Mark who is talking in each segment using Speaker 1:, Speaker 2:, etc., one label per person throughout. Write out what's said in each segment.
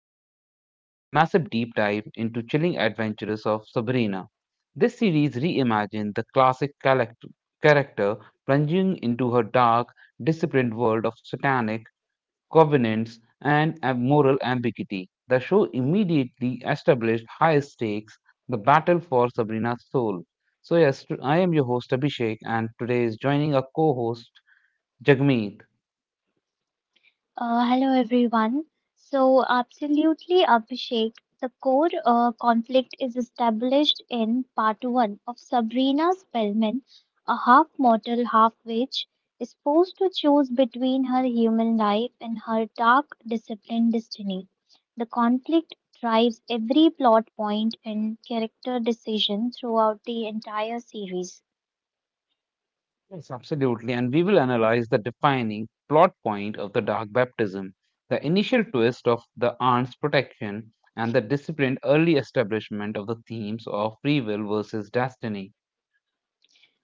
Speaker 1: we begin our massive deep dive into chilling adventures of Sabrina. This series reimagined the classic character plunging into her dark, disciplined world of satanic covenants and moral ambiguity. The show immediately established high stakes, the battle for Sabrina's soul. So yes, I am your host Abhishek and today is joining our co-host Jagmeet.
Speaker 2: Hello everyone. So, absolutely, Abhishek. The core conflict is established in part one of Sabrina Spellman, a half mortal, half witch, is forced to choose between her human life and her dark, disciplined destiny. The conflict drives every plot point and character decision throughout the entire series.
Speaker 1: Yes, absolutely. And we will analyze the defining plot point of the dark baptism, the initial twist of the aunt's protection, and the disciplined early establishment of the themes of free will versus destiny.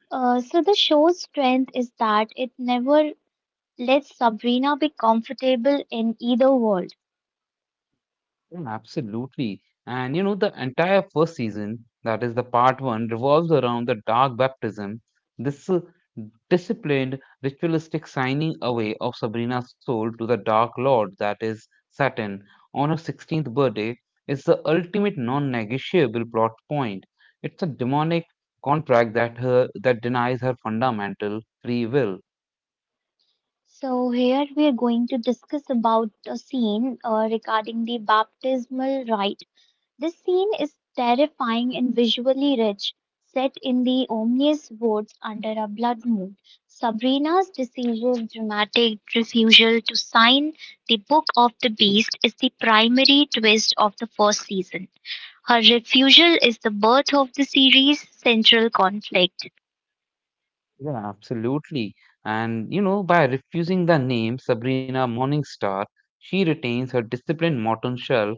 Speaker 2: So the show's strength is that it never let Sabrina be comfortable in either world.
Speaker 1: Yeah, absolutely. And you know, the entire first season, that is the part one, revolves around the dark baptism, this disciplined, ritualistic signing away of Sabrina's soul to the Dark Lord, that is Saturn, on her 16th birthday, is the ultimate non-negotiable plot point. It's a demonic contract that denies her fundamental free will.
Speaker 2: So here we are going to discuss about a scene regarding the baptismal rite. This scene is terrifying and visually rich, set in the ominous woods under a blood moon. Sabrina's decisive, dramatic refusal to sign the Book of the Beast is the primary twist of the first season. Her refusal is the birth of the series' central conflict.
Speaker 1: Yeah, absolutely. And you know, by refusing the name Sabrina Morningstar, she retains her disciplined modern self,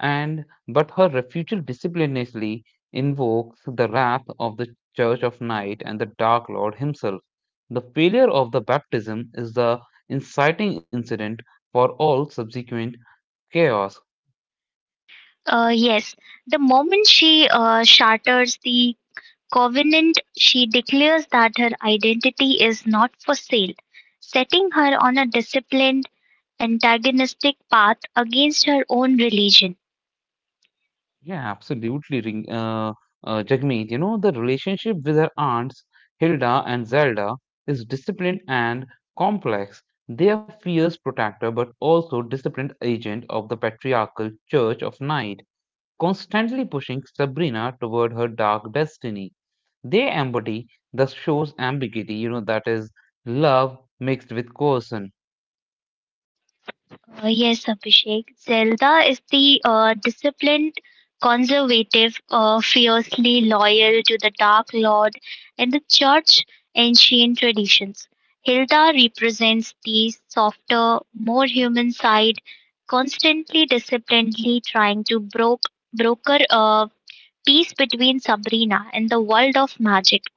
Speaker 1: and but her refusal disciplinarily invokes the wrath of the Church of Night and the Dark Lord himself. The failure of the baptism is the inciting incident for all subsequent chaos.
Speaker 2: Yes, the moment she shatters the covenant, she declares that her identity is not for sale, setting her on a disciplined, antagonistic path against her own religion.
Speaker 1: Yeah, absolutely. Jagmeet, you know, the relationship with her aunts, Hilda and Zelda, is disciplined and complex. They are fierce protector but also disciplined agent of the patriarchal church of night, constantly pushing Sabrina toward her dark destiny. They embody the show's ambiguity, you know, that is love mixed with coercion.
Speaker 2: Yes, Abhishek. Zelda is the disciplined, conservative, fiercely loyal to the Dark Lord and the Church ancient traditions. Hilda represents the softer, more human side, constantly disciplinedly trying to broker a peace between Sabrina and the world of magic.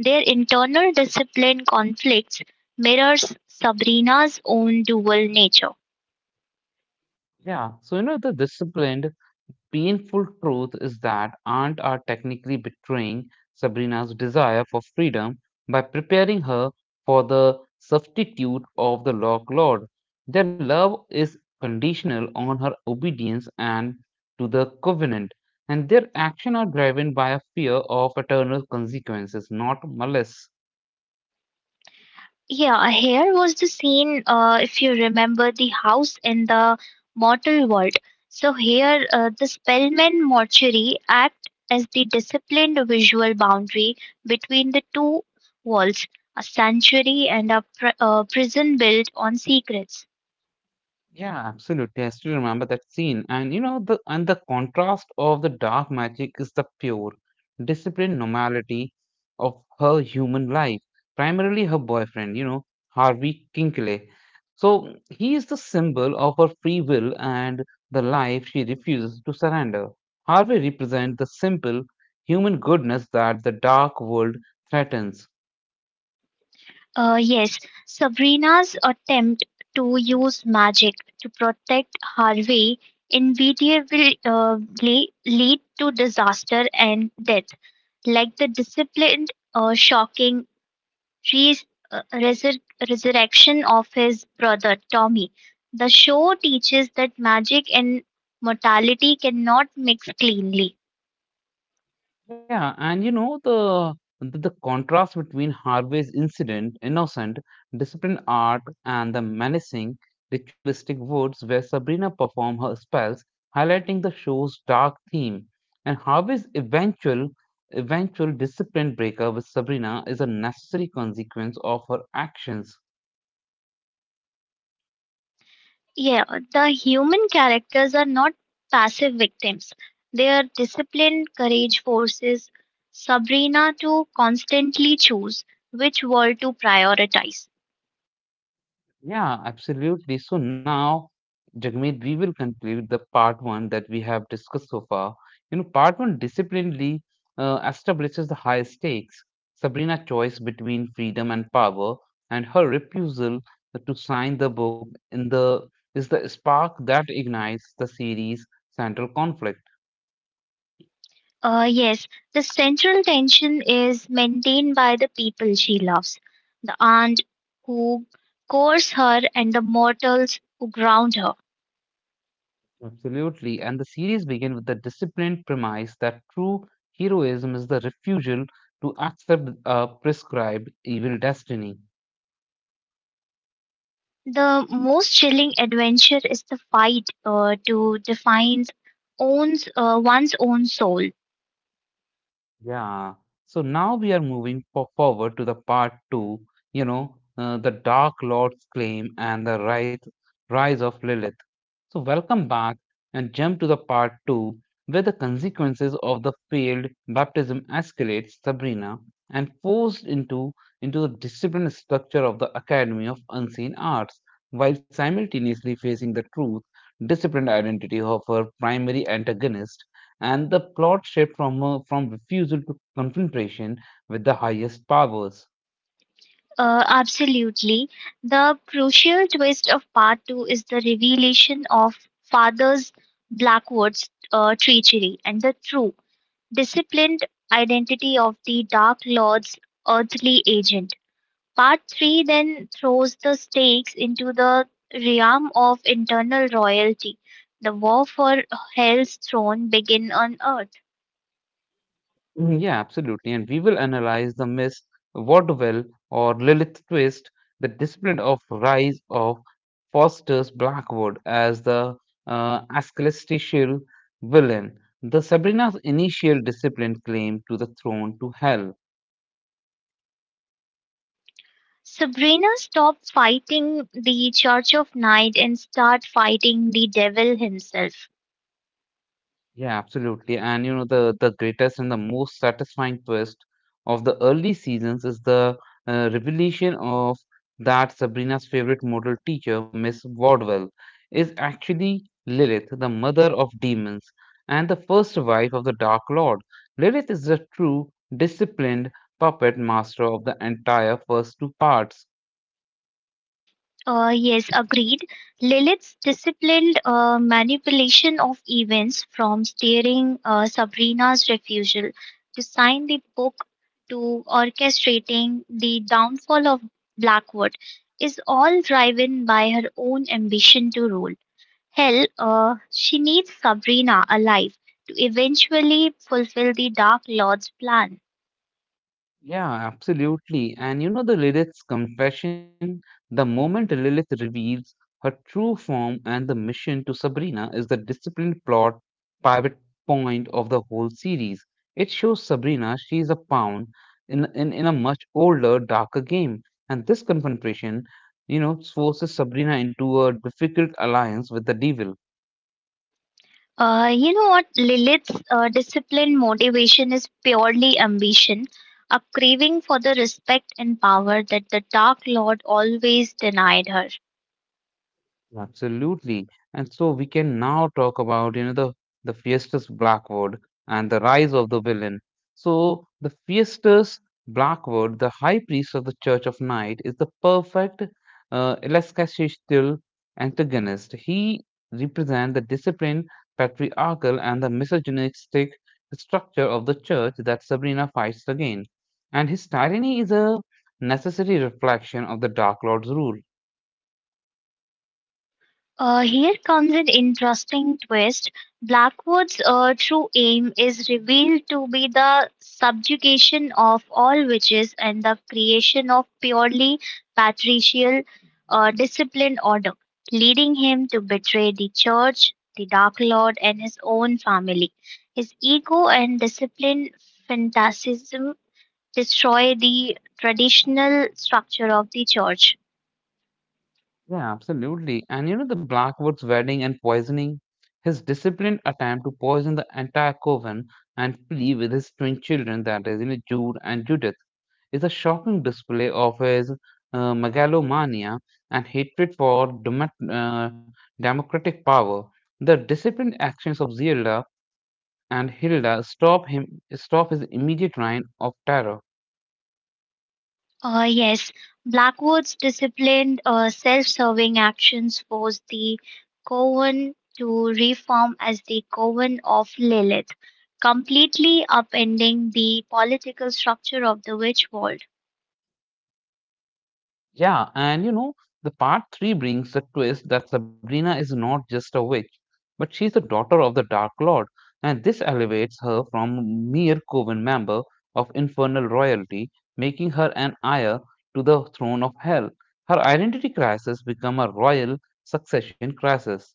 Speaker 2: Their internal discipline conflicts mirrors Sabrina's own dual nature.
Speaker 1: Yeah, so you know, the disciplined painful truth is that Aunt are technically betraying Sabrina's desire for freedom by preparing her for the substitute of the Lock Lord. Their love is conditional on her obedience and to the covenant, and their actions are driven by a fear of eternal consequences, not malice.
Speaker 2: Yeah, here was the scene, if you remember the house in the mortal world. So, here the Spellman mortuary act as the disciplined visual boundary between the two walls, a sanctuary and a prison built on secrets.
Speaker 1: Yeah, absolutely. I still remember that scene. And you know, the contrast of the dark magic is the pure, disciplined normality of her human life, primarily her boyfriend, you know, Harvey Kinkley. So he is the symbol of her free will and the life she refuses to surrender. Harvey represents the simple human goodness that the dark world threatens.
Speaker 2: Yes, Sabrina's attempt to use magic to protect Harvey inevitably lead to disaster and death. Like the disciplined, shocking res- uh, resur- resurrection of his brother Tommy, the show teaches that magic and mortality cannot mix cleanly.
Speaker 1: Yeah, and you know the contrast between Harvey's incident, innocent, disciplined art, and the menacing, ritualistic woods where Sabrina performed her spells, highlighting the show's dark theme. And Harvey's eventual discipline breaker with Sabrina is a necessary consequence of her actions.
Speaker 2: Yeah, the human characters are not passive victims. They are disciplined courage forces. Sabrina to constantly choose which world to prioritize.
Speaker 1: Yeah, absolutely. So now, Jagmeet, we will conclude the part one that we have discussed so far. You know, part one disciplinedly establishes the high stakes. Sabrina's choice between freedom and power, and her refusal to sign the book in the is the spark that ignites the series' central conflict.
Speaker 2: Yes, the central tension is maintained by the people she loves the aunt who courts her and the mortals who ground her.
Speaker 1: Absolutely, and the series begins with the disciplined premise that true heroism is the refusal to accept a prescribed evil destiny.
Speaker 2: The most chilling adventure is the fight to define one's own soul.
Speaker 1: Yeah. So now we are moving forward to the part two, you know, the Dark Lord's claim and the rise of Lilith. So welcome back and jump to the part two, where the consequences of the failed baptism escalates Sabrina and forced into the disciplined structure of the Academy of Unseen Arts, while simultaneously facing the truth, disciplined identity of her primary antagonist and the plot shift from refusal to confrontation with the highest powers.
Speaker 2: Absolutely. The crucial twist of part two is the revelation of Father's Blackwood's treachery and the true disciplined identity of the Dark Lord's earthly agent. Part 3 then throws the stakes into the realm of internal royalty. The war for Hell's throne begins on Earth.
Speaker 1: Mhm. Yeah, absolutely. And we will analyze the Miss Vaudeville or Lilith twist, the discipline of rise of Foster's Blackwood as the ecclesiastical villain, the Sabrina's initial discipline claim to the throne to hell.
Speaker 2: Sabrina stops fighting the Church of Night and starts fighting the devil himself.
Speaker 1: Yeah, absolutely. And you know, the greatest and the most satisfying twist of the early seasons is the revelation of that Sabrina's favorite model teacher, Miss Wardwell, is actually Lilith, the mother of demons and the first wife of the Dark Lord. Lilith is the true disciplined puppet master of the entire first two parts.
Speaker 2: Yes, agreed. Lilith's disciplined manipulation of events from steering Sabrina's refusal to sign the book to orchestrating the downfall of Blackwood is all driven by her own ambition to rule. Hell, she needs Sabrina alive to eventually fulfill the Dark Lord's plan.
Speaker 1: Yeah, absolutely. And you know the Lilith's confession, the moment Lilith reveals her true form and the mission to Sabrina is the disciplined plot pivot point of the whole series. It shows Sabrina she is a pawn in a much older, darker game. And this confrontation, you know, forces Sabrina into a difficult alliance with the devil.
Speaker 2: You know what? Lilith's disciplined motivation is purely ambition, a craving for the respect and power that the Dark Lord always denied her.
Speaker 1: Absolutely. And so we can now talk about, you know, the Fiesta's Blackwood and the rise of the villain. So the Fiesta's Blackwood, the high priest of the Church of Night, is the perfect elasticity antagonist. He represents the disciplined, patriarchal, and the misogynistic structure of the church that Sabrina fights against. And his tyranny is a necessary reflection of the Dark Lord's rule.
Speaker 2: Here comes an interesting twist. Blackwood's true aim is revealed to be the subjugation of all witches and the creation of purely patricial disciplined order, leading him to betray the church, the Dark Lord, and his own family. His ego and disciplined fanaticism destroy the traditional structure of the church.
Speaker 1: Yeah, absolutely. And you know, the Blackwood's wedding and poisoning, his disciplined attempt to poison the entire coven and flee with his twin children, that is, you know, Jude and Judith, is a shocking display of his megalomania and hatred for democratic power. The disciplined actions of Zilda and Hilda stop his immediate reign of terror.
Speaker 2: Yes, Blackwood's disciplined, self serving actions forced the Coven to reform as the Coven of Lilith, completely upending the political structure of the witch world.
Speaker 1: Yeah, and you know, the part three brings the twist that Sabrina is not just a witch, but she's the daughter of the Dark Lord, and this elevates her from mere coven member of infernal royalty, making her an heir to the throne of hell. Her identity crisis become a royal succession crisis.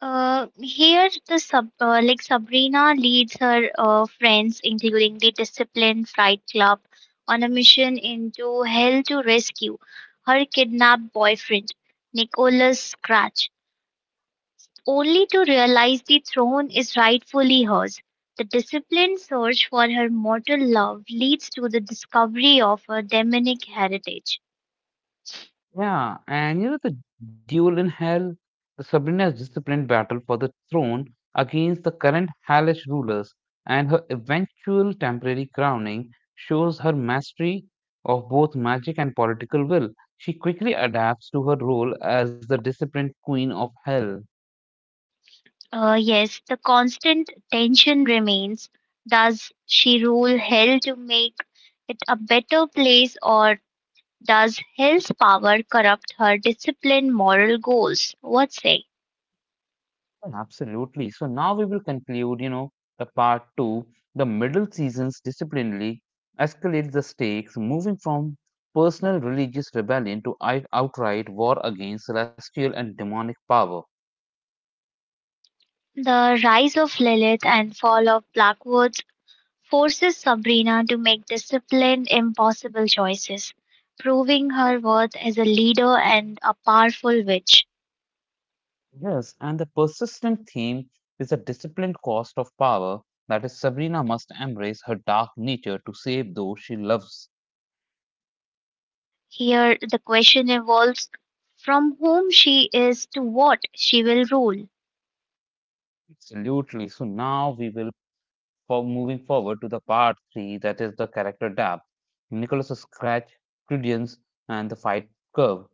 Speaker 2: Here, like Sabrina leads her friends, including the disciplined Fright Club, on a mission into hell to rescue her kidnapped boyfriend, Nicholas Scratch only to realize the throne is rightfully hers. The disciplined search for her mortal love leads to the discovery of her demonic heritage.
Speaker 1: Yeah, and you know the duel in hell, the Sabrina's disciplined battle for the throne against the current hellish rulers, and her eventual temporary crowning shows her mastery of both magic and political will. She quickly adapts to her role as the disciplined queen of hell.
Speaker 2: Yes, the constant tension remains. Does she rule hell to make it a better place, or does hell's power corrupt her disciplined moral goals? What say?
Speaker 1: Absolutely. So now we will conclude, you know, the part two, the middle seasons disciplinarily escalates the stakes, moving from personal religious rebellion to outright war against celestial and demonic power.
Speaker 2: The rise of Lilith and fall of Blackwood's forces Sabrina to make disciplined, impossible choices, proving her worth as a leader and a powerful witch.
Speaker 1: Yes, and the persistent theme is the disciplined cost of power. That is, Sabrina must embrace her dark nature to save those she loves.
Speaker 2: Here, the question evolves from whom she is to what she will rule.
Speaker 1: Absolutely. So now we will. For moving forward to the part three, that is the character depth, Nicholas' scratch, credence, and the fight curve.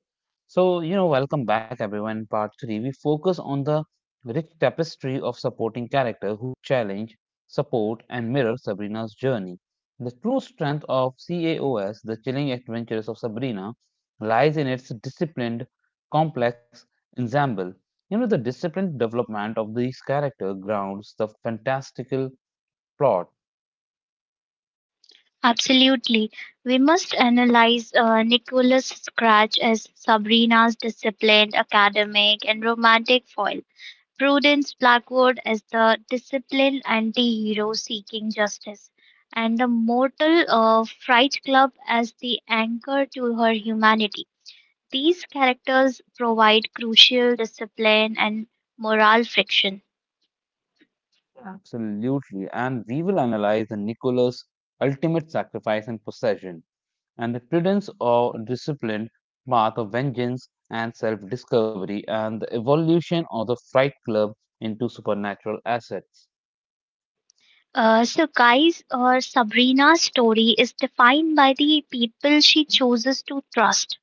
Speaker 1: So, you know, welcome back everyone. In part three, we focus on the rich tapestry of supporting character who challenge, support, and mirror Sabrina's journey. The true strength of CAOS, the chilling adventures of Sabrina, lies in its disciplined, complex ensemble. You know, the disciplined development of these characters grounds the fantastical plot.
Speaker 2: Absolutely. We must analyze Nicholas Scratch as Sabrina's disciplined, academic, and romantic foil. Prudence Blackwood is the disciplined anti-hero seeking justice, and the mortal Fright Club as the anchor to her humanity. These characters provide crucial discipline and moral friction.
Speaker 1: Absolutely. And we will analyze the Nicholas' ultimate sacrifice and possession, and the prudence or disciplined path of vengeance and self discovery, and the evolution of the Fright Club into supernatural assets.
Speaker 2: So, guys, Sabrina's story is defined by the people she chooses to trust.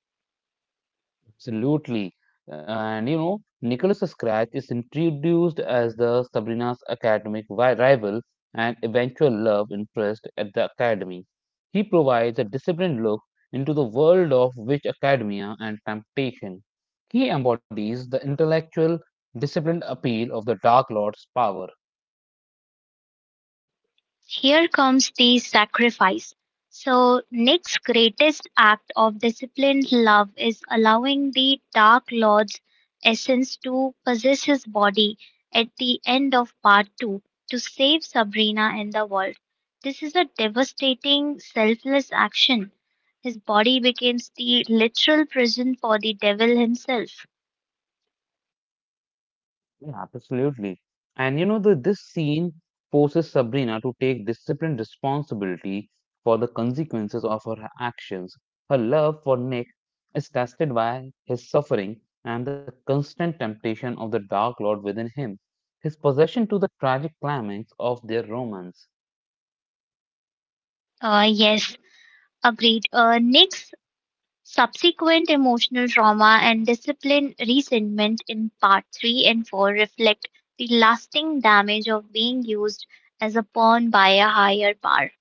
Speaker 1: Absolutely. And you know, Nicholas Scratch is introduced as the Sabrina's academic rival and eventual love interest at the academy. He provides a disciplined look into the world of witch academia and temptation. He embodies the intellectual, disciplined appeal of the Dark Lord's power.
Speaker 2: Here comes the sacrifice. So, Nick's greatest act of disciplined love is allowing the Dark Lord's essence to possess his body at the end of part 2 to save Sabrina and the world. This is a devastating, selfless action. His body becomes the literal prison for the devil himself.
Speaker 1: Yeah, absolutely. And you know, this scene forces Sabrina to take disciplined responsibility for the consequences of her actions. Her love for Nick is tested by his suffering and the constant temptation of the Dark Lord within him, his possession to the tragic climax of their romance.
Speaker 2: Yes, agreed. Nick's subsequent emotional trauma and discipline resentment in Part Three and Four reflect the lasting damage of being used as a pawn by a higher power.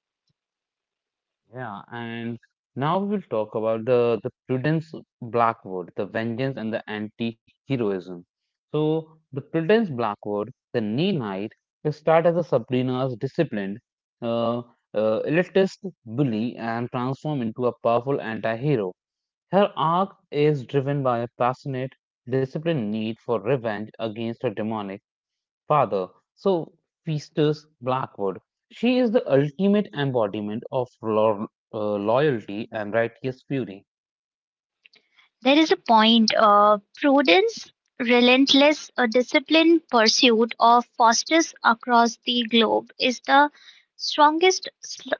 Speaker 1: Yeah, and now we will talk about the Prudence Blackwood, the vengeance and the anti-heroism. So the Prudence Blackwood, the Neil Knight, will start as a Sabrina's disciplined, uh, elitist bully and transform into a powerful anti-hero. Her arc is driven by a passionate, disciplined need for revenge against her demonic father, so Festus Blackwood. She is the ultimate embodiment of uh, loyalty and righteous fury.
Speaker 2: There is a point of prudence, relentless, a disciplined pursuit of fosters across the globe is the strongest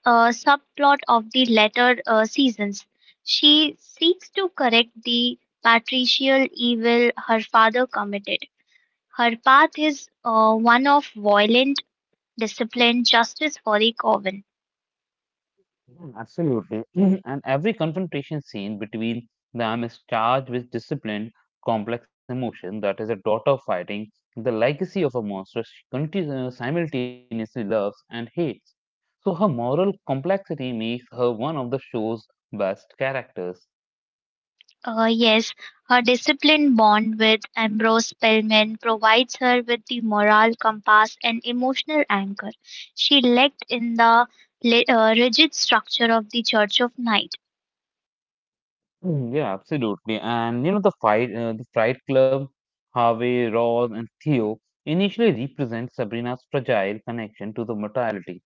Speaker 2: subplot of the latter seasons. She seeks to correct the patricial evil her father committed. Her path is one of violent, disciplined justice for the coven.
Speaker 1: Mm. Absolutely. Mhm. And every confrontation scene between them is charged with disciplined, complex emotion that is a daughter fighting the legacy of a monster she simultaneously loves and hates. So her moral complexity makes her one of the show's best characters.
Speaker 2: Yes, her disciplined bond with Ambrose Spellman provides her with the moral compass and emotional anchor she lacked in the rigid structure of the Church of Knights.
Speaker 1: Mm. Yeah, absolutely. And you know, the Fight Club, Harvey, Ross, and Theo initially represent Sabrina's fragile connection to the mortality,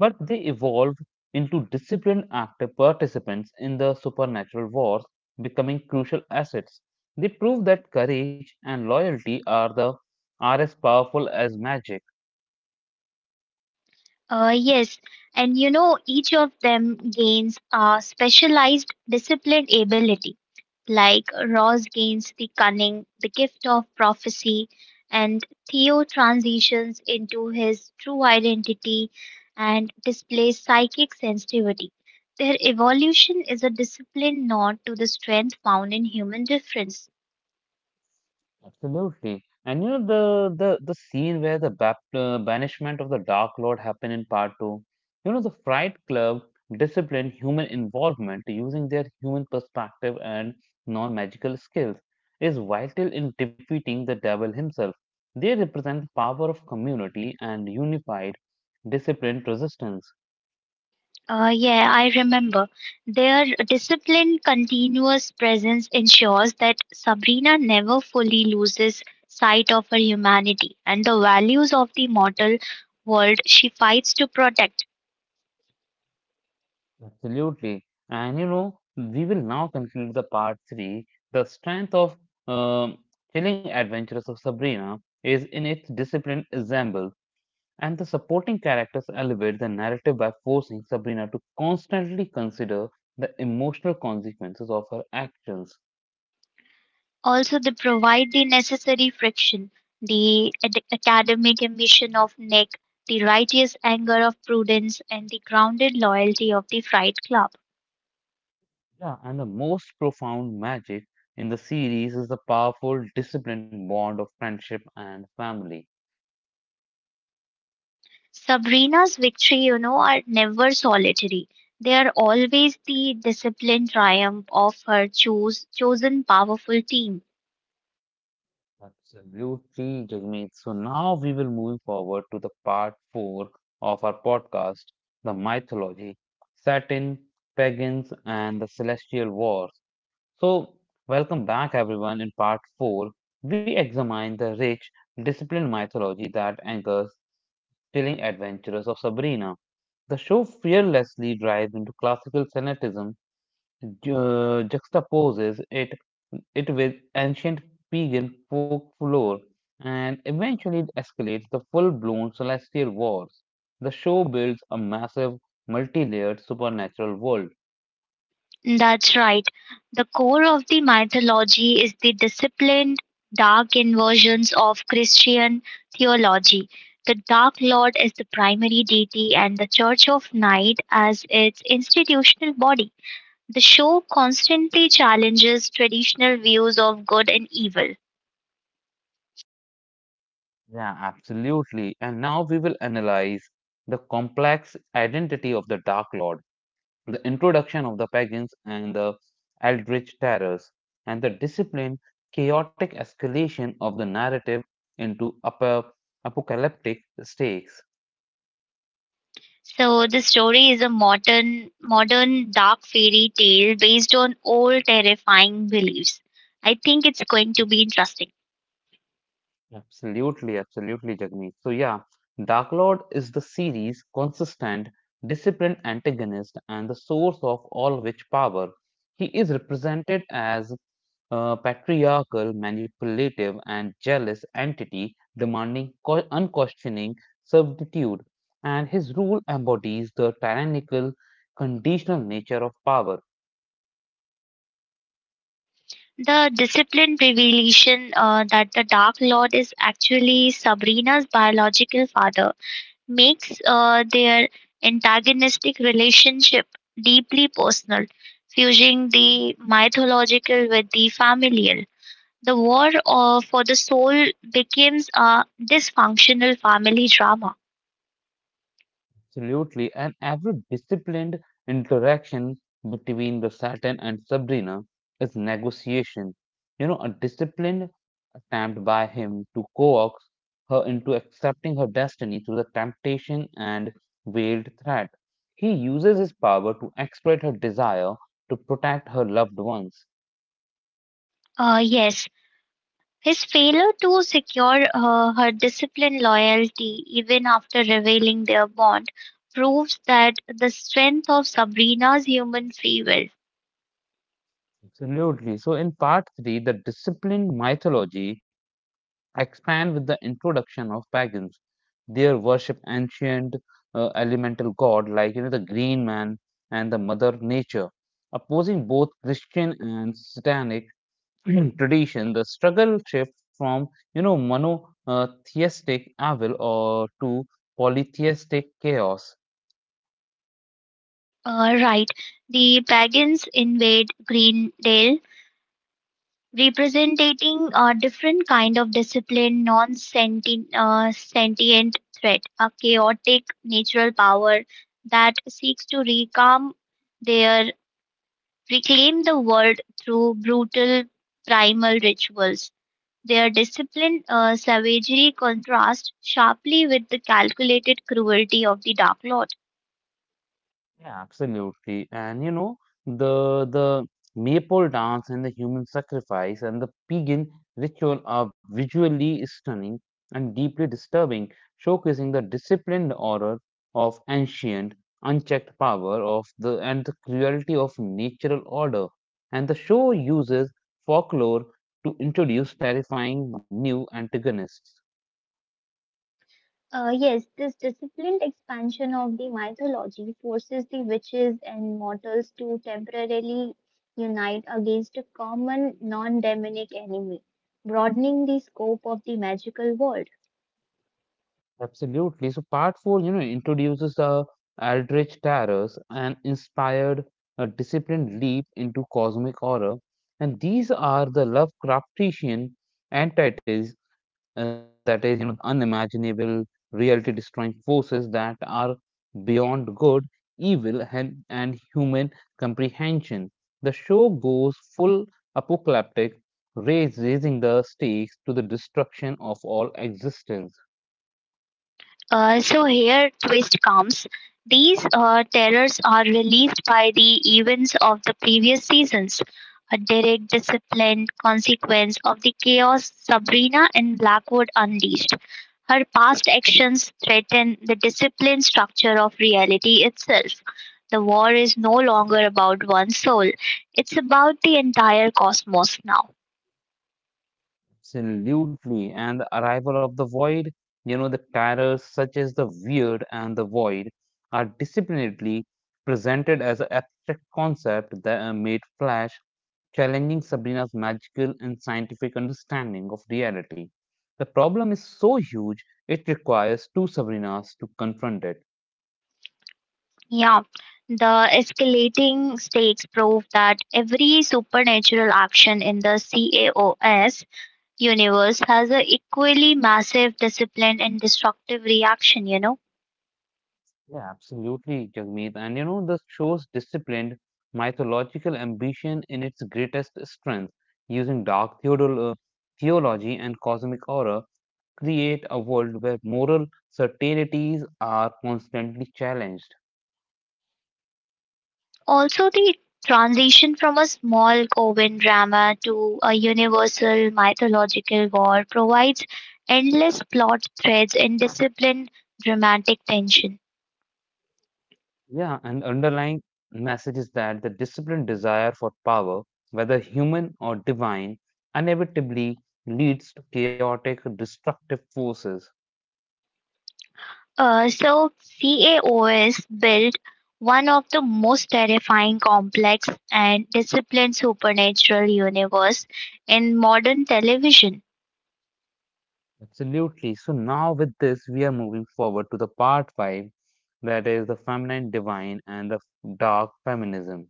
Speaker 1: but they evolved into disciplined active participants in the supernatural wars, becoming crucial assets. They prove that courage and loyalty are as powerful as magic.
Speaker 2: Yes, and you know, each of them gains a specialized disciplined ability. Like Ross gains the cunning, the gift of prophecy, and Theo transitions into his true identity and displays psychic sensitivity. Their evolution is a discipline not to the strength found in human difference.
Speaker 1: Absolutely. And you know the scene where the bap banishment of the Dark Lord happened in part two. You know the Fright Club disciplined human involvement using their human perspective and non-magical skills is vital in defeating the devil himself. They represent the power of community and unified, disciplined resistance.
Speaker 2: Yeah, I remember. Their disciplined, continuous presence ensures that Sabrina never fully loses sight of her humanity and the values of the mortal world she fights to protect.
Speaker 1: Absolutely. And you know, we will now conclude the part three. The strength of um, Chilling Adventures of Sabrina is in its disciplined ensemble, and the supporting characters elevate the narrative by forcing Sabrina to constantly consider the emotional consequences of her actions.
Speaker 2: Also, they provide the necessary friction, the academic ambition of Nick, the righteous anger of Prudence, and the grounded loyalty of the Fright Club.
Speaker 1: Yeah, and the most profound magic in the series is the powerful, disciplined bond of friendship and family.
Speaker 2: Sabrina's victory, are never solitary. They are always the disciplined triumph of her chosen powerful team.
Speaker 1: Absolutely, Jagmeet. So now we will move forward to the part four of our podcast, the mythology, Saturn, pagans, and the celestial wars. So, welcome back, everyone. In part four, we examine the rich, disciplined mythology that anchors thrilling adventures of Sabrina. The show fearlessly dives into classical fanaticism juxtaposes it it with ancient pagan folklore, and eventually it escalates the full-blown celestial wars. The show builds a massive, multi-layered supernatural world.
Speaker 2: That's right. The core of the mythology is the disciplined, dark inversions of Christian theology. The Dark Lord is the primary deity and the Church of Night as its institutional body. The show constantly challenges traditional views of good and evil.
Speaker 1: Yeah, absolutely. And now we will analyze the complex identity of the Dark Lord, the introduction of the pagans and the eldritch terrors, and the disciplined, chaotic escalation of the narrative into apocalyptic stakes.
Speaker 2: So the story is a modern dark fairy tale based on old terrifying beliefs. I think it's going to be interesting.
Speaker 1: Absolutely, absolutely, Jagmeet. So yeah, Dark Lord is the series' consistent, disciplined antagonist and the source of all witch power. He is represented as a patriarchal, manipulative, and jealous entity demanding unquestioning servitude, and his rule embodies the tyrannical, conditional nature of power.
Speaker 2: The disciplined revelation that the Dark Lord is actually Sabrina's biological father makes their antagonistic relationship deeply personal, fusing the mythological with the familial. The war for the soul becomes a dysfunctional family drama.
Speaker 1: Absolutely. And every disciplined interaction between the Saturn and Sabrina is negotiation. You know, a disciplined attempt by him to coax her into accepting her destiny through the temptation and veiled threat. He uses his power to exploit her desire to protect her loved ones.
Speaker 2: Yes, his failure to secure her discipline loyalty, even after revealing their bond, proves that the strength of Sabrina's human free will.
Speaker 1: Absolutely. So, in part three, the disciplined mythology expand with the introduction of pagans. They worship ancient elemental god like you know the green man and the mother nature, opposing both Christian and satanic tradition. The struggle shift from you know monotheistic evil or to polytheistic chaos.
Speaker 2: Right, the pagans invade Greendale, representing a different kind of discipline, non-sentient sentient threat, a chaotic natural power that seeks to their reclaim the world through brutal primal rituals. Their disciplined savagery contrasts sharply with the calculated cruelty of the Dark Lord.
Speaker 1: Yeah, absolutely. And you know, the maple dance and the human sacrifice and the pagan ritual are visually stunning and deeply disturbing, showcasing the disciplined horror of ancient, unchecked power of the and the cruelty of natural order. And the show uses folklore to introduce terrifying new antagonists.
Speaker 2: Yes, this disciplined expansion of the mythology forces the witches and mortals to temporarily unite against a common non demonic enemy, broadening the scope of the magical world.
Speaker 1: Absolutely. So part four, you know, introduces the Eldritch Terrors, an inspired, disciplined leap into cosmic horror, and these are the Lovecraftian entities that is, you know, unimaginable, reality-destroying forces that are beyond good, evil, and human comprehension. The show goes full apocalyptic, raising the stakes to the destruction of all existence.
Speaker 2: So here twist comes. These terrors are released by the events of the previous seasons, a direct disciplined consequence of the chaos Sabrina and Blackwood unleashed. Her past actions threaten the disciplined structure of reality itself. The war is no longer about one soul, it's about the entire cosmos now.
Speaker 1: Absolutely. And the arrival of the void, you know, the terrors such as the weird and the void are disciplinedly presented as an abstract concept that made Flash, challenging Sabrina's magical and scientific understanding of reality. The problem is so huge, it requires two Sabrinas to confront it.
Speaker 2: Yeah, the escalating stakes prove that every supernatural action in the CAOS universe has an equally massive discipline and destructive reaction.
Speaker 1: Yeah, absolutely, Jagmeet. And you know, this show's disciplined mythological ambition in its greatest strength, using dark theology and cosmic horror, create a world where moral certainties are constantly challenged.
Speaker 2: Also, the transition from a small Coven drama to a universal mythological war provides endless plot threads and disciplined dramatic tension.
Speaker 1: Yeah, and underlying message is that the disciplined desire for power, whether human or divine, inevitably leads to chaotic, destructive forces.
Speaker 2: So CAO built one of the most terrifying, complex, and disciplined supernatural universe in modern television.
Speaker 1: Absolutely. So now with this, we are moving forward to the part five, that is the feminine divine and the dark feminism.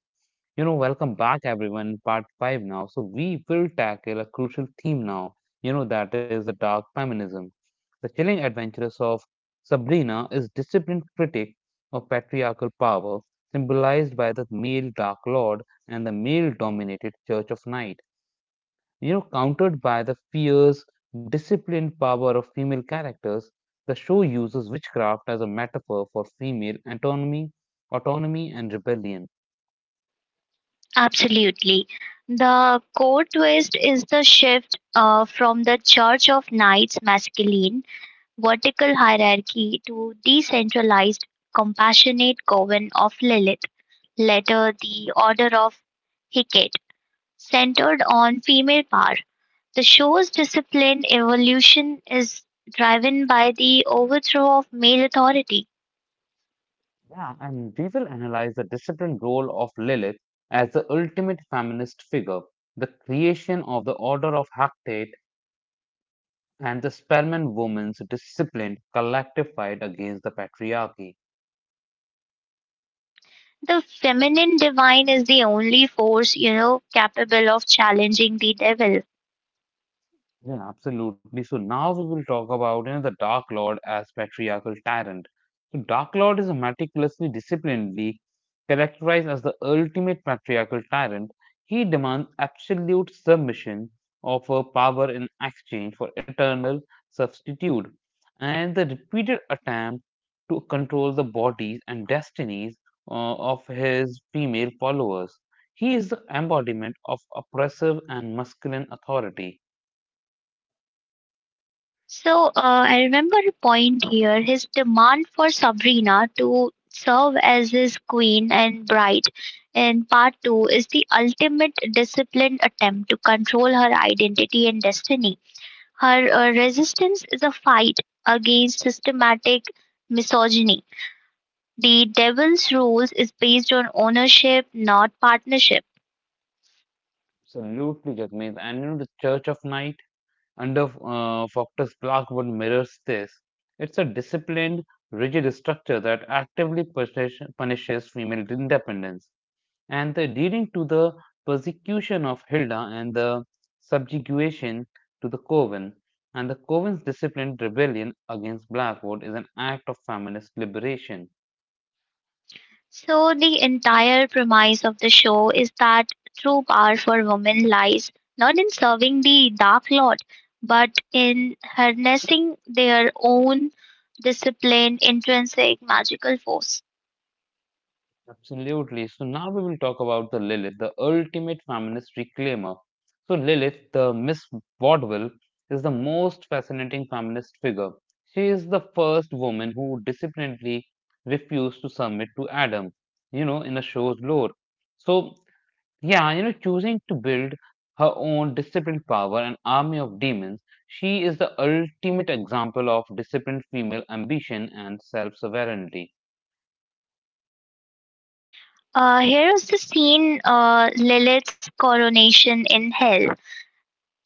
Speaker 1: You know, welcome back everyone in part five now. So we will tackle a crucial theme now, you know, that is the dark feminism. The chilling adventures of Sabrina is disciplined critic of patriarchal power, symbolized by the male dark lord and the male dominated church of night. You know, countered by the fierce, disciplined power of female characters, the show uses witchcraft as a metaphor for female autonomy and rebellion.
Speaker 2: Absolutely. The core twist is the shift from the Church of Knights masculine vertical hierarchy to decentralized, compassionate coven of Lilith, later the Order of Hecate, centered on female power. The show's disciplined evolution is driven by the overthrow of male authority.
Speaker 1: Yeah, and we will analyze the disciplined role of Lilith as the ultimate feminist figure, the creation of the Order of Hactate, and the Spellman woman's disciplined collective fight against the patriarchy.
Speaker 2: The feminine divine is the only force, capable of challenging the devil.
Speaker 1: Yeah, absolutely. So now we will talk about you know, the Dark Lord as patriarchal tyrant. So Dark Lord is a meticulously disciplinedly characterized as the ultimate patriarchal tyrant. He demands absolute submission, offer power in exchange for eternal substitute, and the repeated attempt to control the bodies and destinies of his female followers. He is the embodiment of oppressive and masculine authority.
Speaker 2: So I remember a point here his demand for Sabrina to serve as his queen and bride in part 2 is the ultimate disciplined attempt to control her identity and destiny. Her resistance is a fight against systematic misogyny. The Devil's Rules is based on ownership, not partnership.
Speaker 1: Absolutely, Jagmeet. And you know, the Church of Night under Faulkner's Blackwood mirrors this. It's a disciplined, rigid structure that actively punishes female independence, and the leading to the persecution of Hilda and the subjugation to the Coven. And the Coven's disciplined rebellion against Blackwood is an act of feminist liberation.
Speaker 2: So, the entire premise of the show is that true power for women lies not in serving the Dark Lord, but in harnessing their own disciplined, intrinsic magical force.
Speaker 1: Absolutely. So now we will talk about the Lilith, the ultimate feminist reclaimer. So Lilith, the Miss Vaudeville, is the most fascinating feminist figure. She is the first woman who disciplinedly refused to submit to Adam, you know, in a show's lore. So yeah, you know, choosing to build her own disciplined power, an army of demons, she is the ultimate example of disciplined female ambition and self-sovereignty.
Speaker 2: Here is the scene, Lilith's coronation in hell.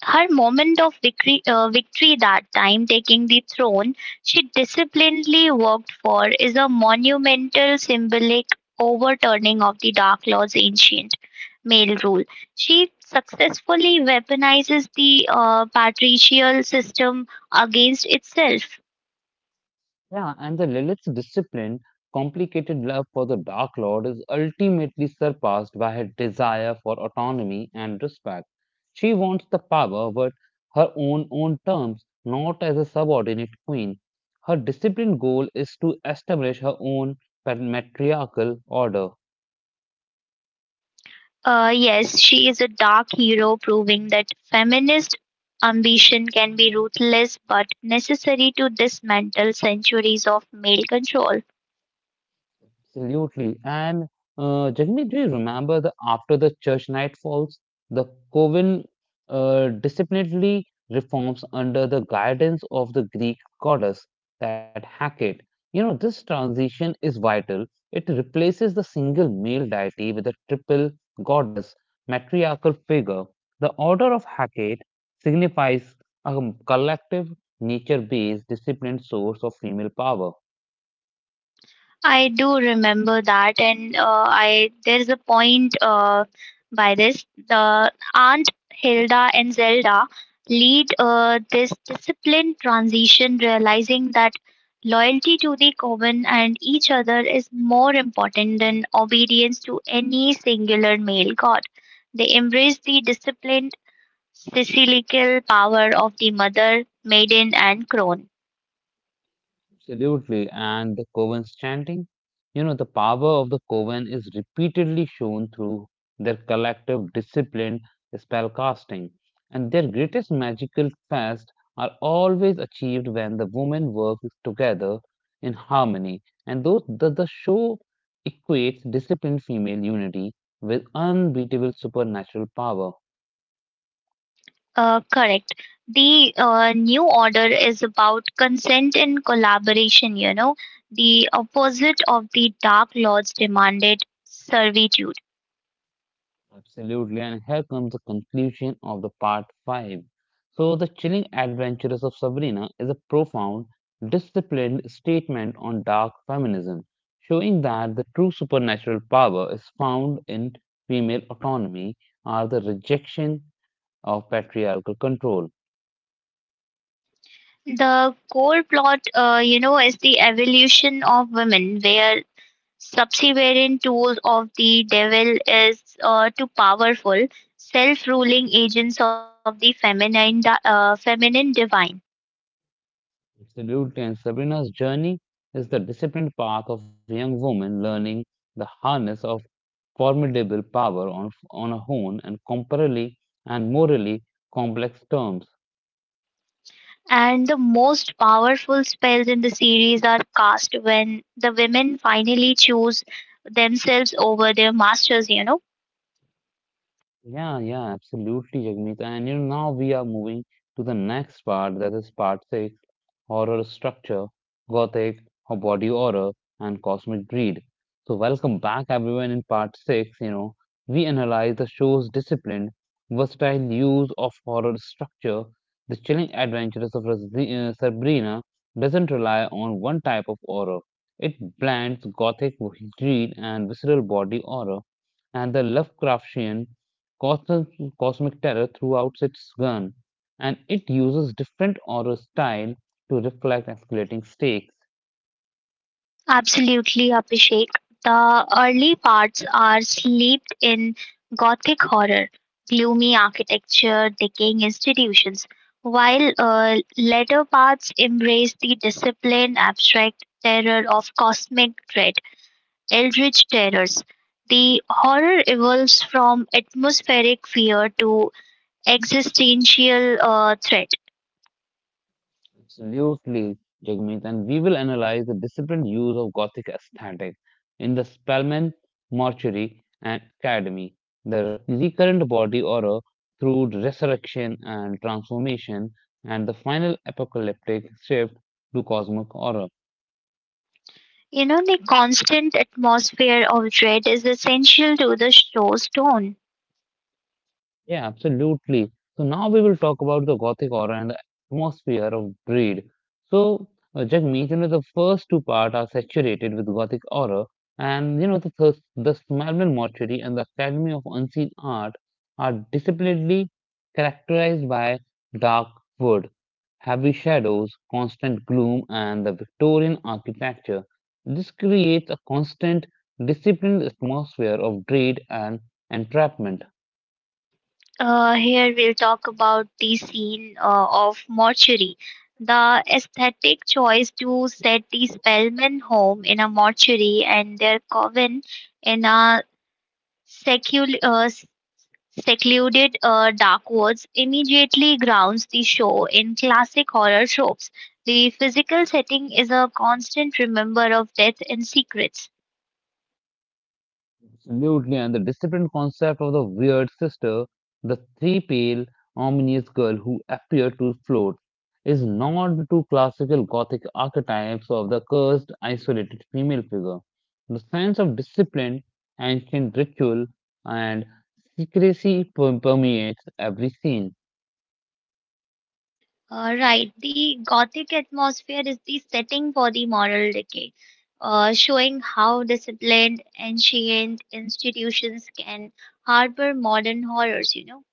Speaker 2: Her moment of victory that time, taking the throne she disciplinedly worked for, is a monumental symbolic overturning of the Dark Lord's ancient male rule. She successfully weaponizes the patricial system against itself.
Speaker 1: Yeah, and the Lilith's disciplined, complicated love for the Dark Lord is ultimately surpassed by her desire for autonomy and respect. She wants the power, but her own terms, not as a subordinate queen. Her disciplined goal is to establish her own patriarchal order.
Speaker 2: Yes, she is a dark hero, proving that feminist ambition can be ruthless but necessary to dismantle centuries of male control.
Speaker 1: Absolutely. And Jagmeet, do you remember the after the church night falls, the coven disciplinarily reforms under the guidance of the Greek goddess, that Hecate. You know, this transition is vital. It replaces the single male deity with a triple goddess, matriarchal figure. The order of Hecate signifies a collective, nature-based, disciplined source of female power.
Speaker 2: I do remember that, and I there's a point by this. The Aunt Hilda and Zelda lead this disciplined transition, realizing that loyalty to the coven and each other is more important than obedience to any singular male god. They embrace the disciplined, cyclical power of the mother, maiden, and crone.
Speaker 1: Absolutely. And the Coven's chanting, you know, the power of the Coven is repeatedly shown through their collective disciplined spellcasting. And their greatest magical feats are always achieved when the women work together in harmony. And though the show equates disciplined female unity with unbeatable supernatural power.
Speaker 2: Correct. The new order is about consent and collaboration, you know. The opposite of the Dark Lord's demanded servitude.
Speaker 1: Absolutely, and here comes the conclusion of the part 5. So, The Chilling Adventures of Sabrina is a profound, disciplined statement on dark feminism, showing that the true supernatural power is found in female autonomy or the rejection of patriarchal control.
Speaker 2: The core plot, you know, is the evolution of women, where subservient tools of the devil is too powerful, self-ruling agents of the feminine, feminine divine.
Speaker 1: Absolutely, and Sabrina's journey is the disciplined path of young woman learning the harness of formidable power on a own and comparably and morally complex terms.
Speaker 2: And the most powerful spells in the series are cast when the women finally choose themselves over their masters, you know.
Speaker 1: Yeah, absolutely, Jagmeet. And you know, now we are moving to the next part, that is part six. Horror structure, gothic, or body horror, and cosmic greed. So, welcome back, everyone. In part six, you know, we analyze the show's disciplined, versatile use of horror structure. The chilling adventures of Sabrina doesn't rely on one type of horror. It blends gothic greed and visceral body horror, and the Lovecraftian cosmic, cosmic terror throughout its gun, and it uses different horror style to reflect escalating stakes.
Speaker 2: Absolutely, Abhishek. The early parts are steeped in gothic horror, gloomy architecture, decaying institutions, while later parts embrace the disciplined, abstract terror of cosmic dread. Eldritch terrors: the horror evolves from atmospheric fear to existential threat.
Speaker 1: Absolutely, Jagmeet, and we will analyze the disciplined use of Gothic aesthetic in the Spellman Mortuary and Academy, the recurrent body horror through resurrection and transformation, and the final apocalyptic shift to cosmic horror.
Speaker 2: You know, the constant atmosphere of dread is essential to the show's tone.
Speaker 1: Yeah, absolutely. So now we will talk about the Gothic aura and the atmosphere of Breed. So Jagmeet, you know, the first two parts are saturated with Gothic aura, and you know the first, the Smelman Mortuary and the Academy of Unseen Art are disciplinedly characterized by dark wood, heavy shadows, constant gloom, and the Victorian architecture. This creates a constant, disciplined atmosphere of dread and entrapment.
Speaker 2: Here we'll talk about the scene of mortuary. The aesthetic choice to set the Spellman home in a mortuary and their coven in a secular secluded Dark Woods immediately grounds the show in classic horror tropes. The physical setting is a constant remember of death and secrets.
Speaker 1: Absolutely, and the disciplined concept of the weird sister, the three pale, ominous girl who appeared to float, is not the two classical Gothic archetypes of the cursed, isolated female figure. The sense of discipline, ancient ritual, and secrecy permeates every scene.
Speaker 2: Right, the gothic atmosphere is the setting for the moral decay, showing how disciplined, ancient institutions can harbor modern horrors, you know.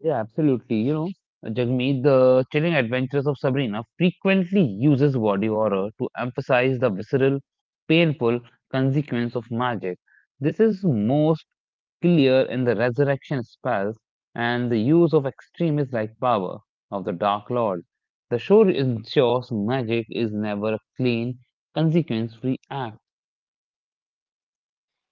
Speaker 1: Yeah, absolutely. You know, Jagmeet, the chilling adventures of Sabrina frequently uses body horror to emphasize the visceral, painful consequence of magic. This is most clear in the resurrection spells and the use of extremists like power of the Dark Lord. The show ensures magic is never a clean, consequence-free act.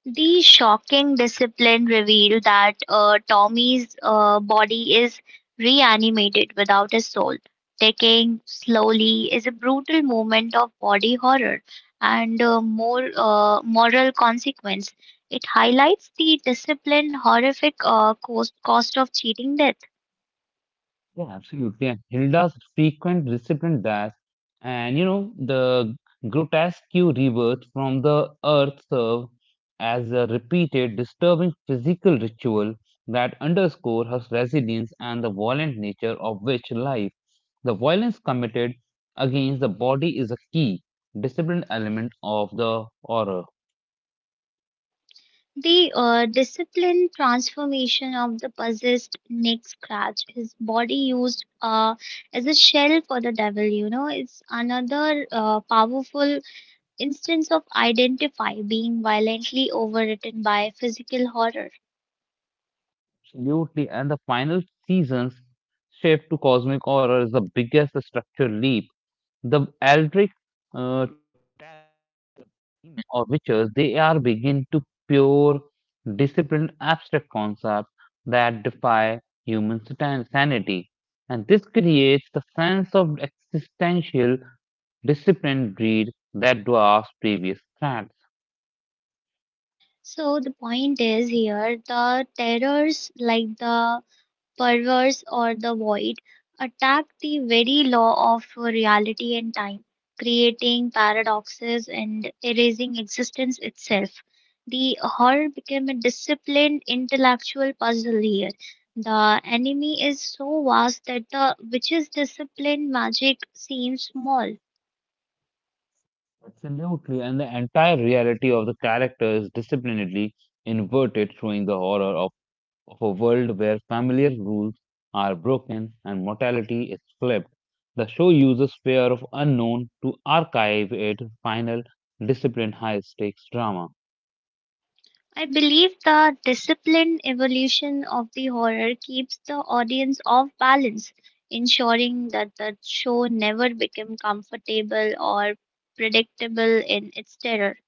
Speaker 2: The shocking discipline revealed that Tommy's body is reanimated without his soul. Taking slowly is a brutal moment of body horror and more moral consequence. It highlights the discipline horrific cost of cheating death.
Speaker 1: Yeah, absolutely. And Hilda's frequent disciplined dash and you know the grotesque rebirth from the earth serve as a repeated disturbing physical ritual that underscore her resilience and the violent nature of which life. The violence committed against the body is a key disciplined element of the horror.
Speaker 2: The disciplined transformation of the possessed neck scratch. His body used as a shell for the devil, you know, it's another powerful instance of identify being violently overwritten by physical horror.
Speaker 1: Absolutely. And the final season's shift to cosmic horror is the biggest structural leap. The Eldritch uh, tarot or witches, they are begin to pure, disciplined, abstract concepts that defy human sanity. And this creates the sense of existential disciplined greed that dwarfs previous threats.
Speaker 2: So the point is here the terrors like the perverse, or the void, attack the very law of reality and time, creating paradoxes and erasing existence itself. The horror became a disciplined intellectual puzzle here. The enemy is so vast that the witch's disciplined magic seems small.
Speaker 1: Absolutely, and the entire reality of the character is disciplinedly inverted, showing the horror of a world where familiar rules are broken and mortality is flipped. The show uses fear of unknown to archive its final disciplined high stakes drama.
Speaker 2: I believe the disciplined evolution of the horror keeps the audience off balance, ensuring that the show never becomes comfortable or predictable in its terror.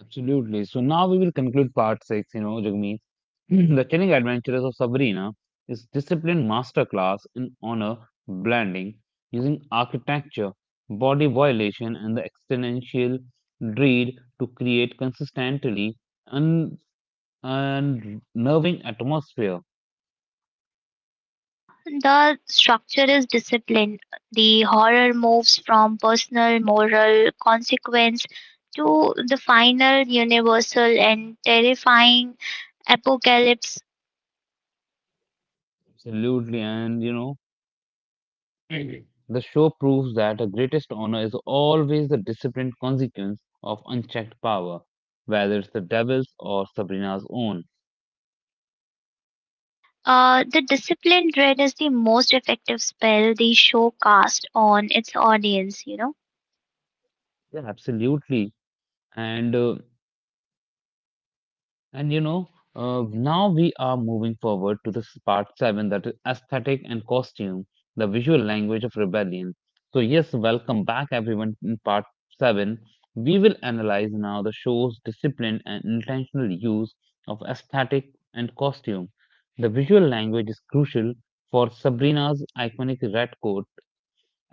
Speaker 1: Absolutely. So now we will conclude part six, you know, Jagmeet. The Chilling Adventures of Sabrina is disciplined masterclass in honor blending using architecture, body violation, and the existential dread to create consistently un- and nerving atmosphere.
Speaker 2: The structure is disciplined. The horror moves from personal moral consequence to the final universal and terrifying apocalypse.
Speaker 1: Absolutely. And you know, the show proves that the greatest honor is always the disciplined consequence of unchecked power, whether it's the devil's or Sabrina's own.
Speaker 2: The disciplined dread is the most effective spell the show cast on its audience, you know.
Speaker 1: Yeah, absolutely. And uh, And you know, now we are moving forward to this part seven that is aesthetic and costume, the visual language of rebellion. So, yes, welcome back everyone in part seven. We will analyze now the show's disciplined and intentional use of aesthetic and costume. The visual language is crucial for Sabrina's iconic red coat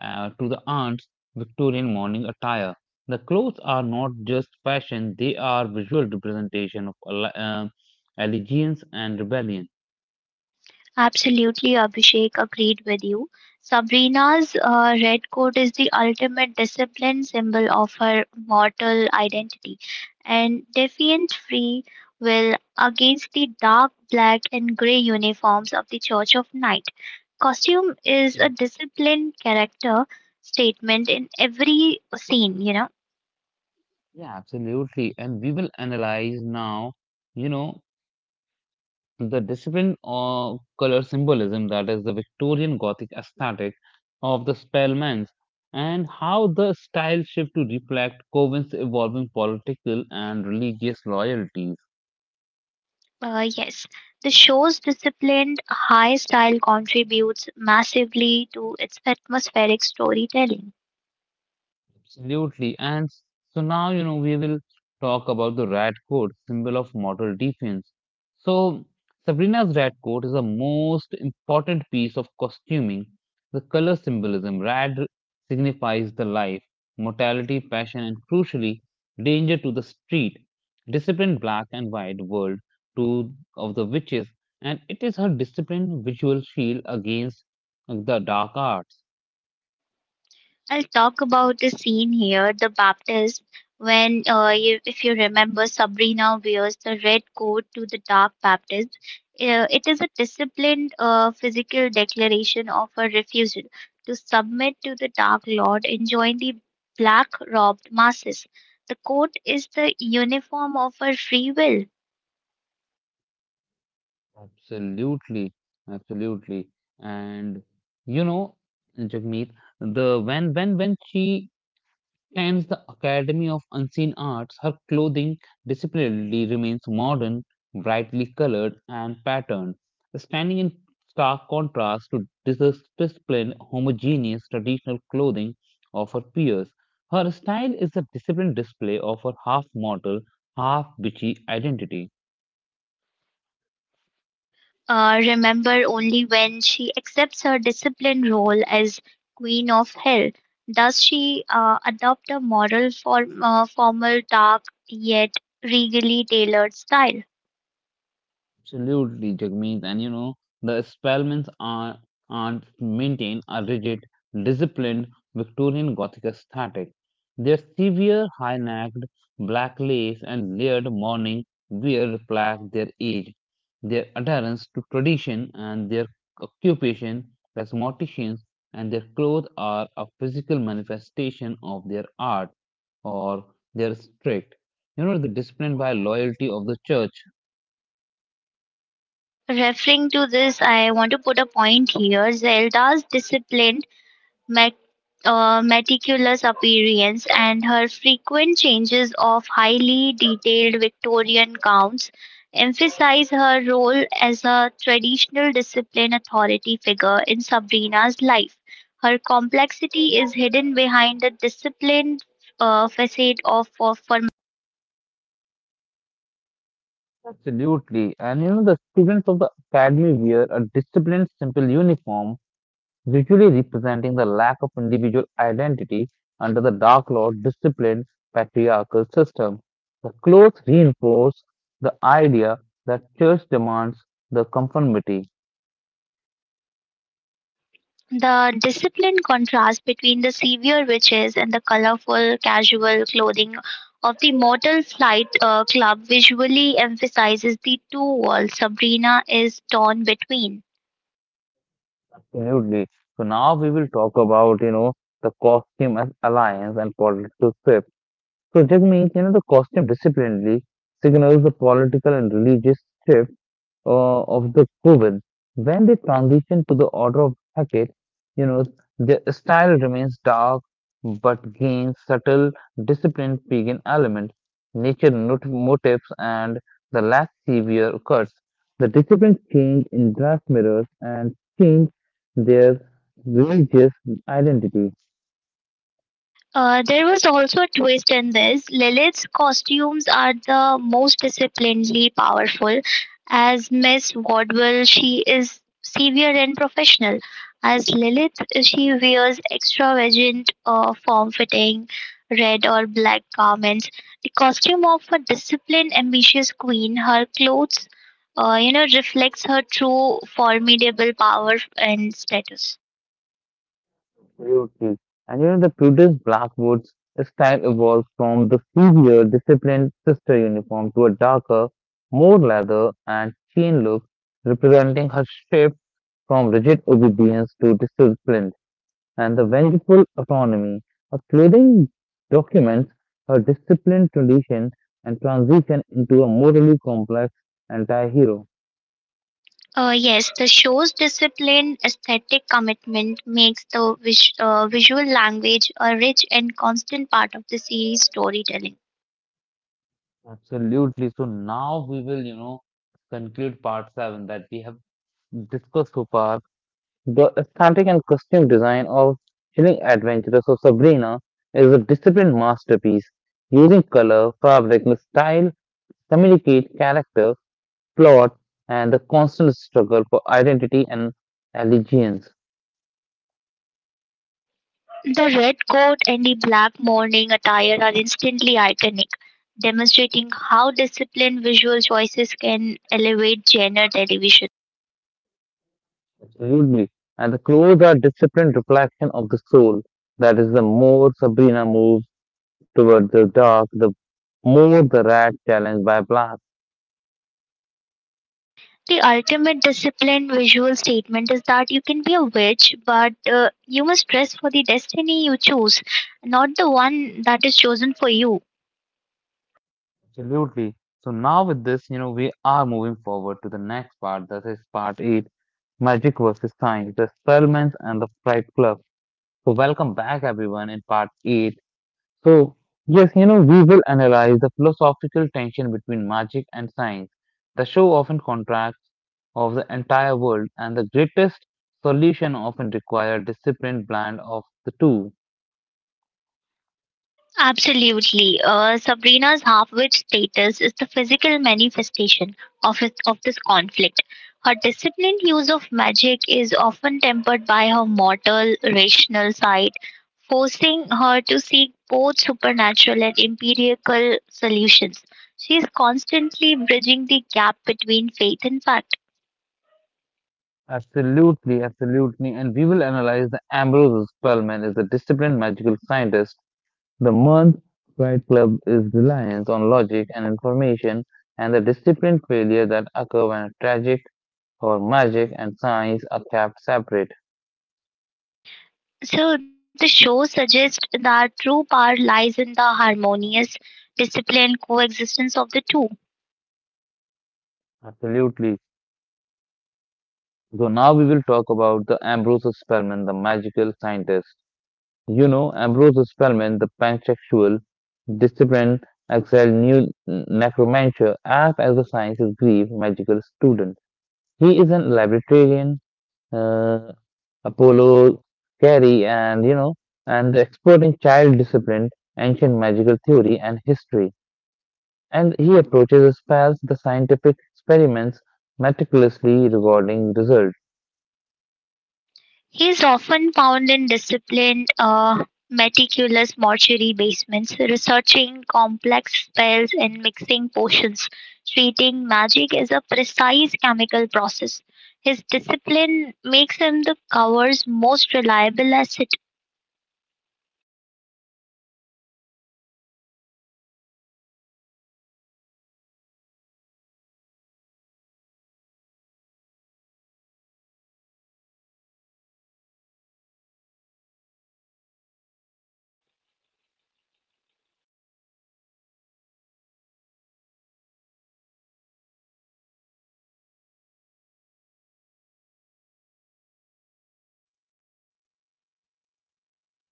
Speaker 1: to the aunt's Victorian morning attire. The clothes are not just fashion, they are visual representation of allegiance and rebellion.
Speaker 2: Absolutely, Abhishek, agreed with you. Sabrina's red coat is the ultimate discipline symbol of her mortal identity. And defiant free will against the dark black and grey uniforms of the Church of Night. Costume is a
Speaker 1: Absolutely.
Speaker 2: disciplined character statement in every scene, you know.
Speaker 1: Yeah, absolutely. And we will analyze now, you know, the discipline of color symbolism, that is the Victorian Gothic aesthetic of the Spellmans, and how the style shift to reflect Cowen's evolving political and religious loyalties.
Speaker 2: Yes, the show's disciplined high style contributes massively to its atmospheric storytelling.
Speaker 1: Absolutely. And so now, you know, we will talk about the red coat, symbol of mortal defense. So, Sabrina's red coat is the most important piece of costuming. The color symbolism red signifies the life, mortality, passion, and crucially, danger to the street, disciplined black and white world to of the witches, and it is her disciplined visual shield against the dark arts.
Speaker 2: I'll talk about the scene here, the Baptist, when, you, if you remember, Sabrina wears the red coat to the dark Baptist. It is a disciplined physical declaration of her refusal to submit to the Dark Lord and join the black robed masses. The coat is the uniform of her free will.
Speaker 1: Absolutely, absolutely. And you know, Jagmeet, the when she attends the Academy of Unseen Arts, her clothing disciplinarily remains modern, brightly colored and patterned, standing in stark contrast to disciplined, homogeneous traditional clothing of her peers. Her style is a disciplined display of her half mortal, half witchy identity.
Speaker 2: Remember only when she accepts her disciplined role as queen of hell. Does she adopt a formal, dark yet regally tailored style?
Speaker 1: Absolutely, Jagmeet. And you know, the Spellmans are, aren't maintain a rigid, disciplined Victorian Gothic aesthetic. Their severe, high necked, black lace, and layered mourning wear reflect their age, their adherence to tradition, and their occupation as morticians, and their clothes are a physical manifestation of their art or their strict. You know, the discipline by loyalty of the church.
Speaker 2: Referring to this, I want to put a point here. Zelda's discipline met, meticulous appearance and her frequent changes of highly detailed Victorian gowns emphasize her role as a traditional discipline authority figure in Sabrina's life. Her complexity is hidden behind the disciplined facade of.
Speaker 1: Absolutely. And you know, the students of the academy wear a disciplined, simple uniform, visually representing the lack of individual identity under the Dark Lord disciplined patriarchal system. The clothes reinforce the idea that church demands the conformity.
Speaker 2: The disciplined contrast between the severe witches and the colorful casual clothing of the Mortal Flight Club visually emphasizes the two worlds Sabrina is torn between.
Speaker 1: Absolutely. So now we will talk about, you know, the costume as alliance and political shift. So Jagmeet, you know, the costume disciplinely signals the political and religious shift of the Govind. When they transition to the order of Beckett, you know, their style remains dark but gains subtle, disciplined pagan elements, nature not- motifs, and the less severe cuts. The disciplines change in glass mirrors and change their religious identity.
Speaker 2: There was also a twist in this. Lilith's costumes are the most disciplinedly powerful. As Miss Wardwell, she is severe and professional. As Lilith, she wears extravagant, form fitting red or black garments. The costume of a disciplined, ambitious queen, her clothes, you know, reflects her true formidable power and status.
Speaker 1: Absolutely. And you know, the British Blackwoods style evolved from the severe, disciplined sister uniform to a darker, more leather and chain look, representing her shift from rigid obedience to discipline and the vengeful autonomy. Her clothing documents her disciplined tradition and transition into a morally complex anti-hero.
Speaker 2: Yes, the show's disciplined aesthetic commitment makes the visual language a rich and constant part of the series' storytelling.
Speaker 1: Absolutely. So now we will, you know, conclude part seven that we have discussed so far, the aesthetic and costume design of Chilling Adventures of Sabrina is a disciplined masterpiece, using color, fabric, and style to communicate character, plot, and the constant struggle for identity and allegiance.
Speaker 2: The red coat and the black morning attire are instantly iconic, demonstrating how disciplined visual choices can elevate genre television.
Speaker 1: Absolutely. And the clothes are disciplined reflection of the soul. That is, the more Sabrina moves towards the dark, the more the rat challenged by black.
Speaker 2: The ultimate disciplined visual statement is that you can be a witch, but you must dress for the destiny you choose, not the one that is chosen for you.
Speaker 1: Absolutely. So now with this, you know, we are moving forward to the next part. That is part eight, magic versus science, the Spellman's and the Fright Club. So welcome back everyone in part eight. So yes, you know, we will analyze the philosophical tension between magic and science. The show often contracts of the entire world and the greatest solution often require disciplined blend of the two.
Speaker 2: Absolutely. Sabrina's half witch status is the physical manifestation of this conflict. Her disciplined use of magic is often tempered by her mortal, rational side, forcing her to seek both supernatural and empirical solutions. She is constantly bridging the gap between faith and fact.
Speaker 1: Absolutely, absolutely. And we will analyze the Ambrose Spellman is a disciplined magical scientist. The Mud Right Club is reliance on logic and information and the discipline failure that occur when tragic or magic and science are kept separate.
Speaker 2: So, the show suggests that true power lies in the harmonious, disciplined coexistence of the two.
Speaker 1: Absolutely. So now we will talk about the Ambrose Spellman, the magical scientist. You know, Ambrose Spellman, the pansexual, disciplined, exiled new necromancer, act as the science's grief magical student. He is an librarian uh, Apollo Carey, and you know, and the expert in child discipline, ancient magical theory, and history. And he approaches his pals the scientific experiments meticulously regarding results.
Speaker 2: He is often found in disciplined, meticulous mortuary basements, researching complex spells and mixing potions, treating magic as a precise chemical process. His discipline makes him the cover's most reliable asset.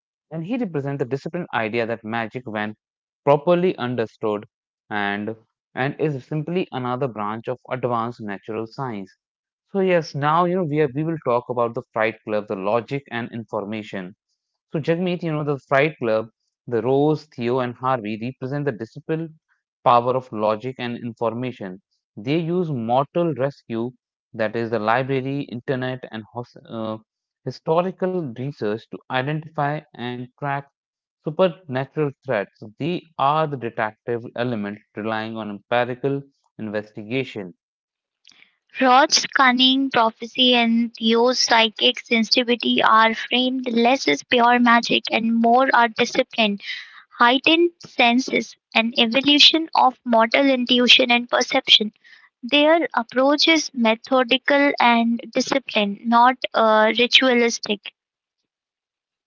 Speaker 1: And he represents the disciplined idea that magic, when properly understood, and and is simply another branch of advanced natural science. So yes, now you know we will talk about the Fright Club, the logic and information. So, Jagmeet, you know, the Fright Club, the Rose, Theo, and Harvey represent the disciplined power of logic and information. They use mortal rescue, that is, the library, internet, and historical research to identify and track supernatural threats. They are the detective element relying on empirical investigation.
Speaker 2: Rod's cunning, prophecy, and Theo's psychic sensitivity are framed less as pure magic and more are discipline heightened senses, and evolution of motor intuition and perception. Their approach is methodical and disciplined, not ritualistic.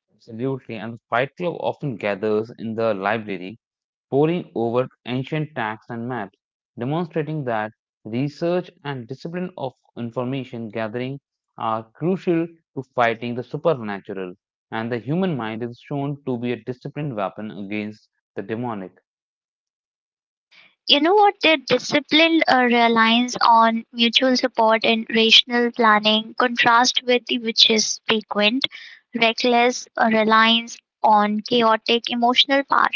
Speaker 1: Absolutely. And the Fight Club often gathers in the library pouring over ancient texts and maps, demonstrating that research and discipline of information gathering are crucial to fighting the supernatural, and the human mind is shown to be a disciplined weapon against the demonic.
Speaker 2: You know what? Their discipline reliance on mutual support and rational planning, contrast with the witches' frequent, reckless reliance on chaotic emotional power.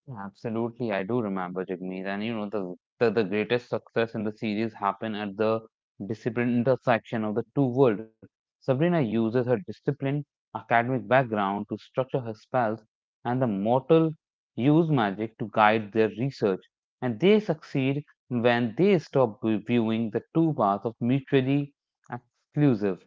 Speaker 1: Yeah, absolutely, I do remember Jagmeet, and you know the greatest success in the series happened at the discipline intersection of the two worlds. Sabrina uses her disciplined academic background to structure her spells, and the mortal use magic to guide their research, and they succeed when they stop viewing the two paths of mutually exclusive.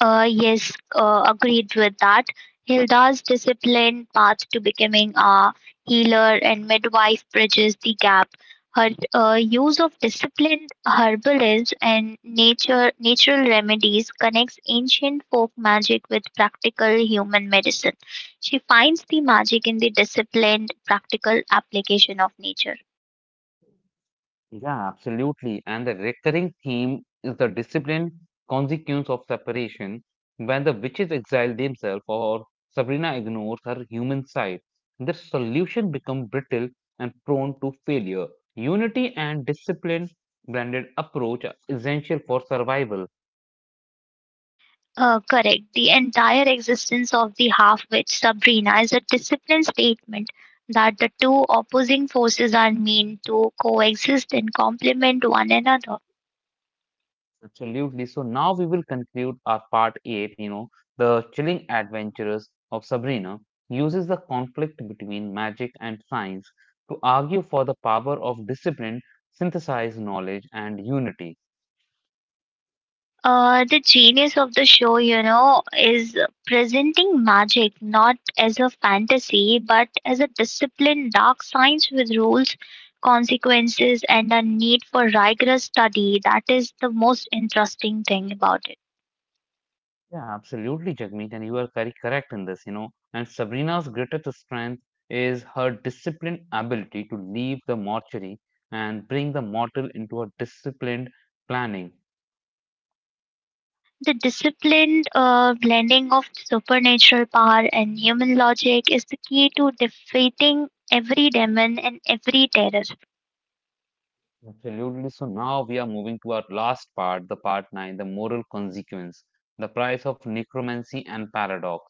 Speaker 2: Yes, agreed with that. Hilda's disciplined path to becoming a healer and midwife bridges the gap. Her use of disciplined herbalism and nature natural remedies connects ancient folk magic with practical human medicine. She finds the magic in the disciplined, practical application of nature.
Speaker 1: Yeah, absolutely. And the recurring theme is the disciplined consequence of separation when the witches exile themselves or Sabrina ignores her human side. Their solution become brittle and prone to failure. Unity and discipline blended approach are essential for survival.
Speaker 2: Correct. The entire existence of the half witch Sabrina is a discipline statement that the two opposing forces are meant to coexist and complement one another.
Speaker 1: Absolutely. So now we will conclude our part 8, you know, the Chilling Adventures of Sabrina uses the conflict between magic and science to argue for the power of discipline, synthesized knowledge, and unity.
Speaker 2: The genius of the show, you know, is presenting magic not as a fantasy but as a disciplined dark science with rules, consequences, and a need for rigorous study. That is the most interesting thing about it.
Speaker 1: Yeah, absolutely, Jagmeet, and you are very correct in this, you know. And Sabrina's greatest strength is her disciplined ability to leave the mortuary and bring the mortal into a disciplined planning.
Speaker 2: The disciplined blending of supernatural power and human logic is the key to defeating every demon and every terror.
Speaker 1: Absolutely. So now we are moving to our last part, the part nine, the moral consequence, the price of necromancy and paradox.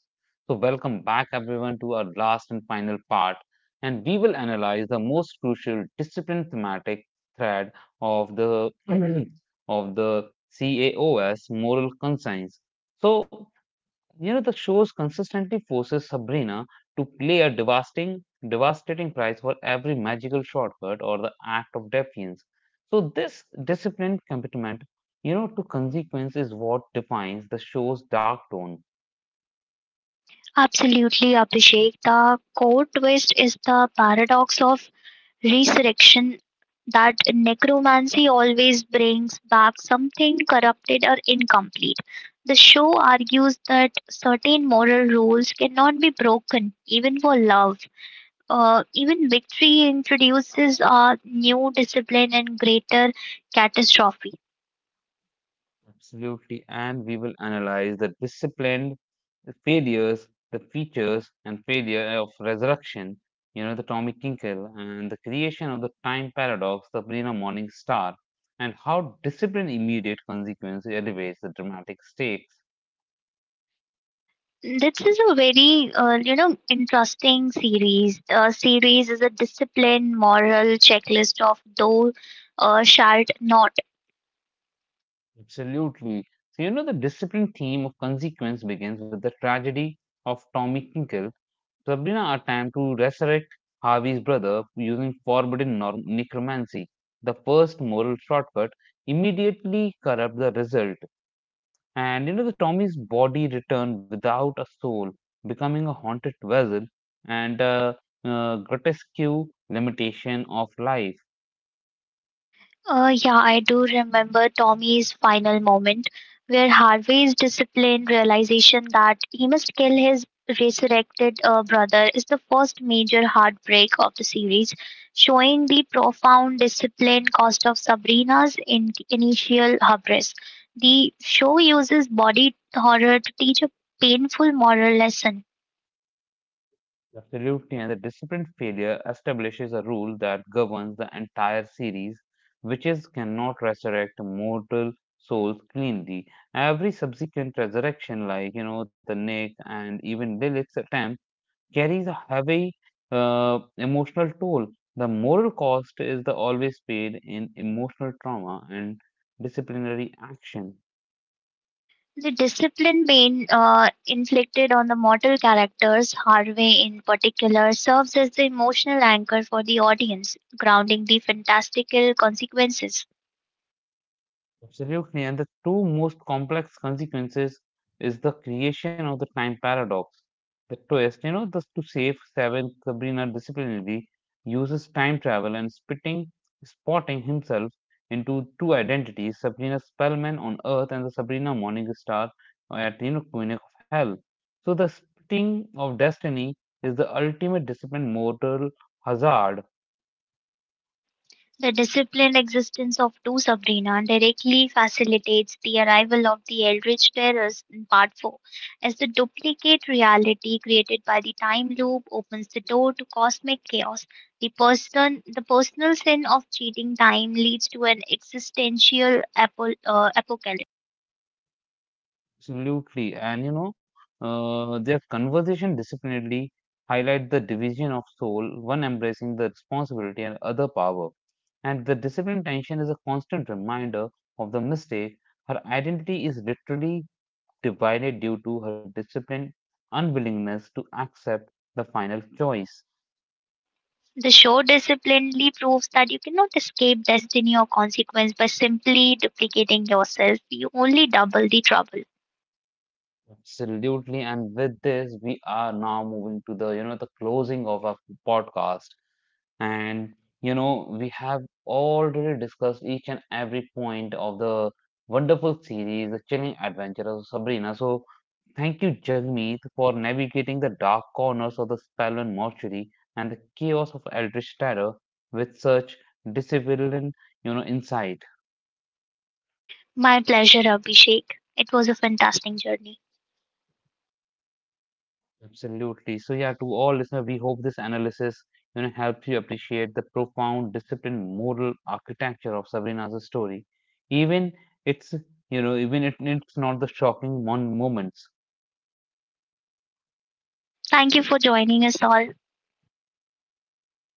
Speaker 1: So, welcome back everyone to our last and final part, and we will analyze the most crucial discipline thematic thread of the of the CAOS moral conscience. So, you know, the shows consistently forces Sabrina to play a devastating, devastating price for every magical shortcut or the act of defiance. So this disciplined commitment, you know, to consequence is what defines the show's dark tone.
Speaker 2: Absolutely, Abhishek. The core twist is the paradox of resurrection that necromancy always brings back something corrupted or incomplete. The show argues that certain moral rules cannot be broken, even for love. Even victory introduces a new discipline and greater catastrophe.
Speaker 1: Absolutely. And we will analyze the disciplined failures, the features and failure of resurrection, you know, the Tommy Tinkle and the creation of the time paradox, the Brina Morning Star, and how discipline immediate consequence elevates the dramatic stakes.
Speaker 2: This is a very, you know, interesting series. Series is a discipline moral checklist of those shalt not.
Speaker 1: Absolutely. So, you know, the discipline theme of consequence begins with the tragedy of Tommy Tinkle. Sabrina attempts to resurrect Harvey's brother using forbidden necromancy, the first moral shortcut, immediately corrupt the result. And you know, the Tommy's body returned without a soul, becoming a haunted vessel and a grotesque limitation of life.
Speaker 2: Yeah, I do remember Tommy's final moment, where Harvey's disciplined realization that he must kill his resurrected brother is the first major heartbreak of the series, showing the profound discipline cost of Sabrina's initial hubris. The show uses body horror to teach a painful moral lesson.
Speaker 1: Absolutely, and the discipline failure establishes a rule that governs the entire series, witches cannot resurrect mortal souls cleanly. Every subsequent resurrection, like you know, the Nick and even Lilith's attempt, carries a heavy emotional toll. The moral cost is the always paid in emotional trauma and disciplinary action.
Speaker 2: The discipline being inflicted on the mortal characters, Harvey in particular, serves as the emotional anchor for the audience, grounding the fantastical consequences.
Speaker 1: Absolutely, and the two most complex consequences is the creation of the time paradox. The twist, you know, the to save seven Sabrina disciplinary uses time travel and spitting spotting himself into two identities, Sabrina Spellman on Earth and the Sabrina Morningstar at you know Queen of Hell. So the spitting of destiny is the ultimate discipline mortal hazard.
Speaker 2: The disciplined existence of two Sabrina directly facilitates the arrival of the Eldritch Terrors in Part 4, as the duplicate reality created by the time loop opens the door to cosmic chaos. The person, the personal sin of cheating time leads to an existential apocalypse.
Speaker 1: Absolutely. And you know, their conversation disciplinedly highlight the division of soul, one embracing the responsibility and other power. And the discipline tension is a constant reminder of the mistake. Her identity is literally divided due to her disciplined unwillingness to accept the final choice.
Speaker 2: The show disciplinedly proves that you cannot escape destiny or consequence by simply duplicating yourself. You only double the trouble.
Speaker 1: Absolutely. And with this, we are now moving to the, you know, the closing of our podcast. And, you know, we have already discussed each and every point of the wonderful series, The Chilling Adventures of Sabrina. So, thank you, Jagmeet, for navigating the dark corners of the Spellman mortuary and the chaos of Eldritch Terror with such disciplined, you know, insight.
Speaker 2: My pleasure, Abhishek. It was a fantastic journey.
Speaker 1: Absolutely. So yeah, to all listeners, we hope this analysis you know helps you appreciate the profound, disciplined, moral architecture of Sabrina's story. Even it's you know it's not the shocking one moments.
Speaker 2: Thank you for joining us all.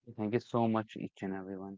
Speaker 1: Thank you so much, each and everyone.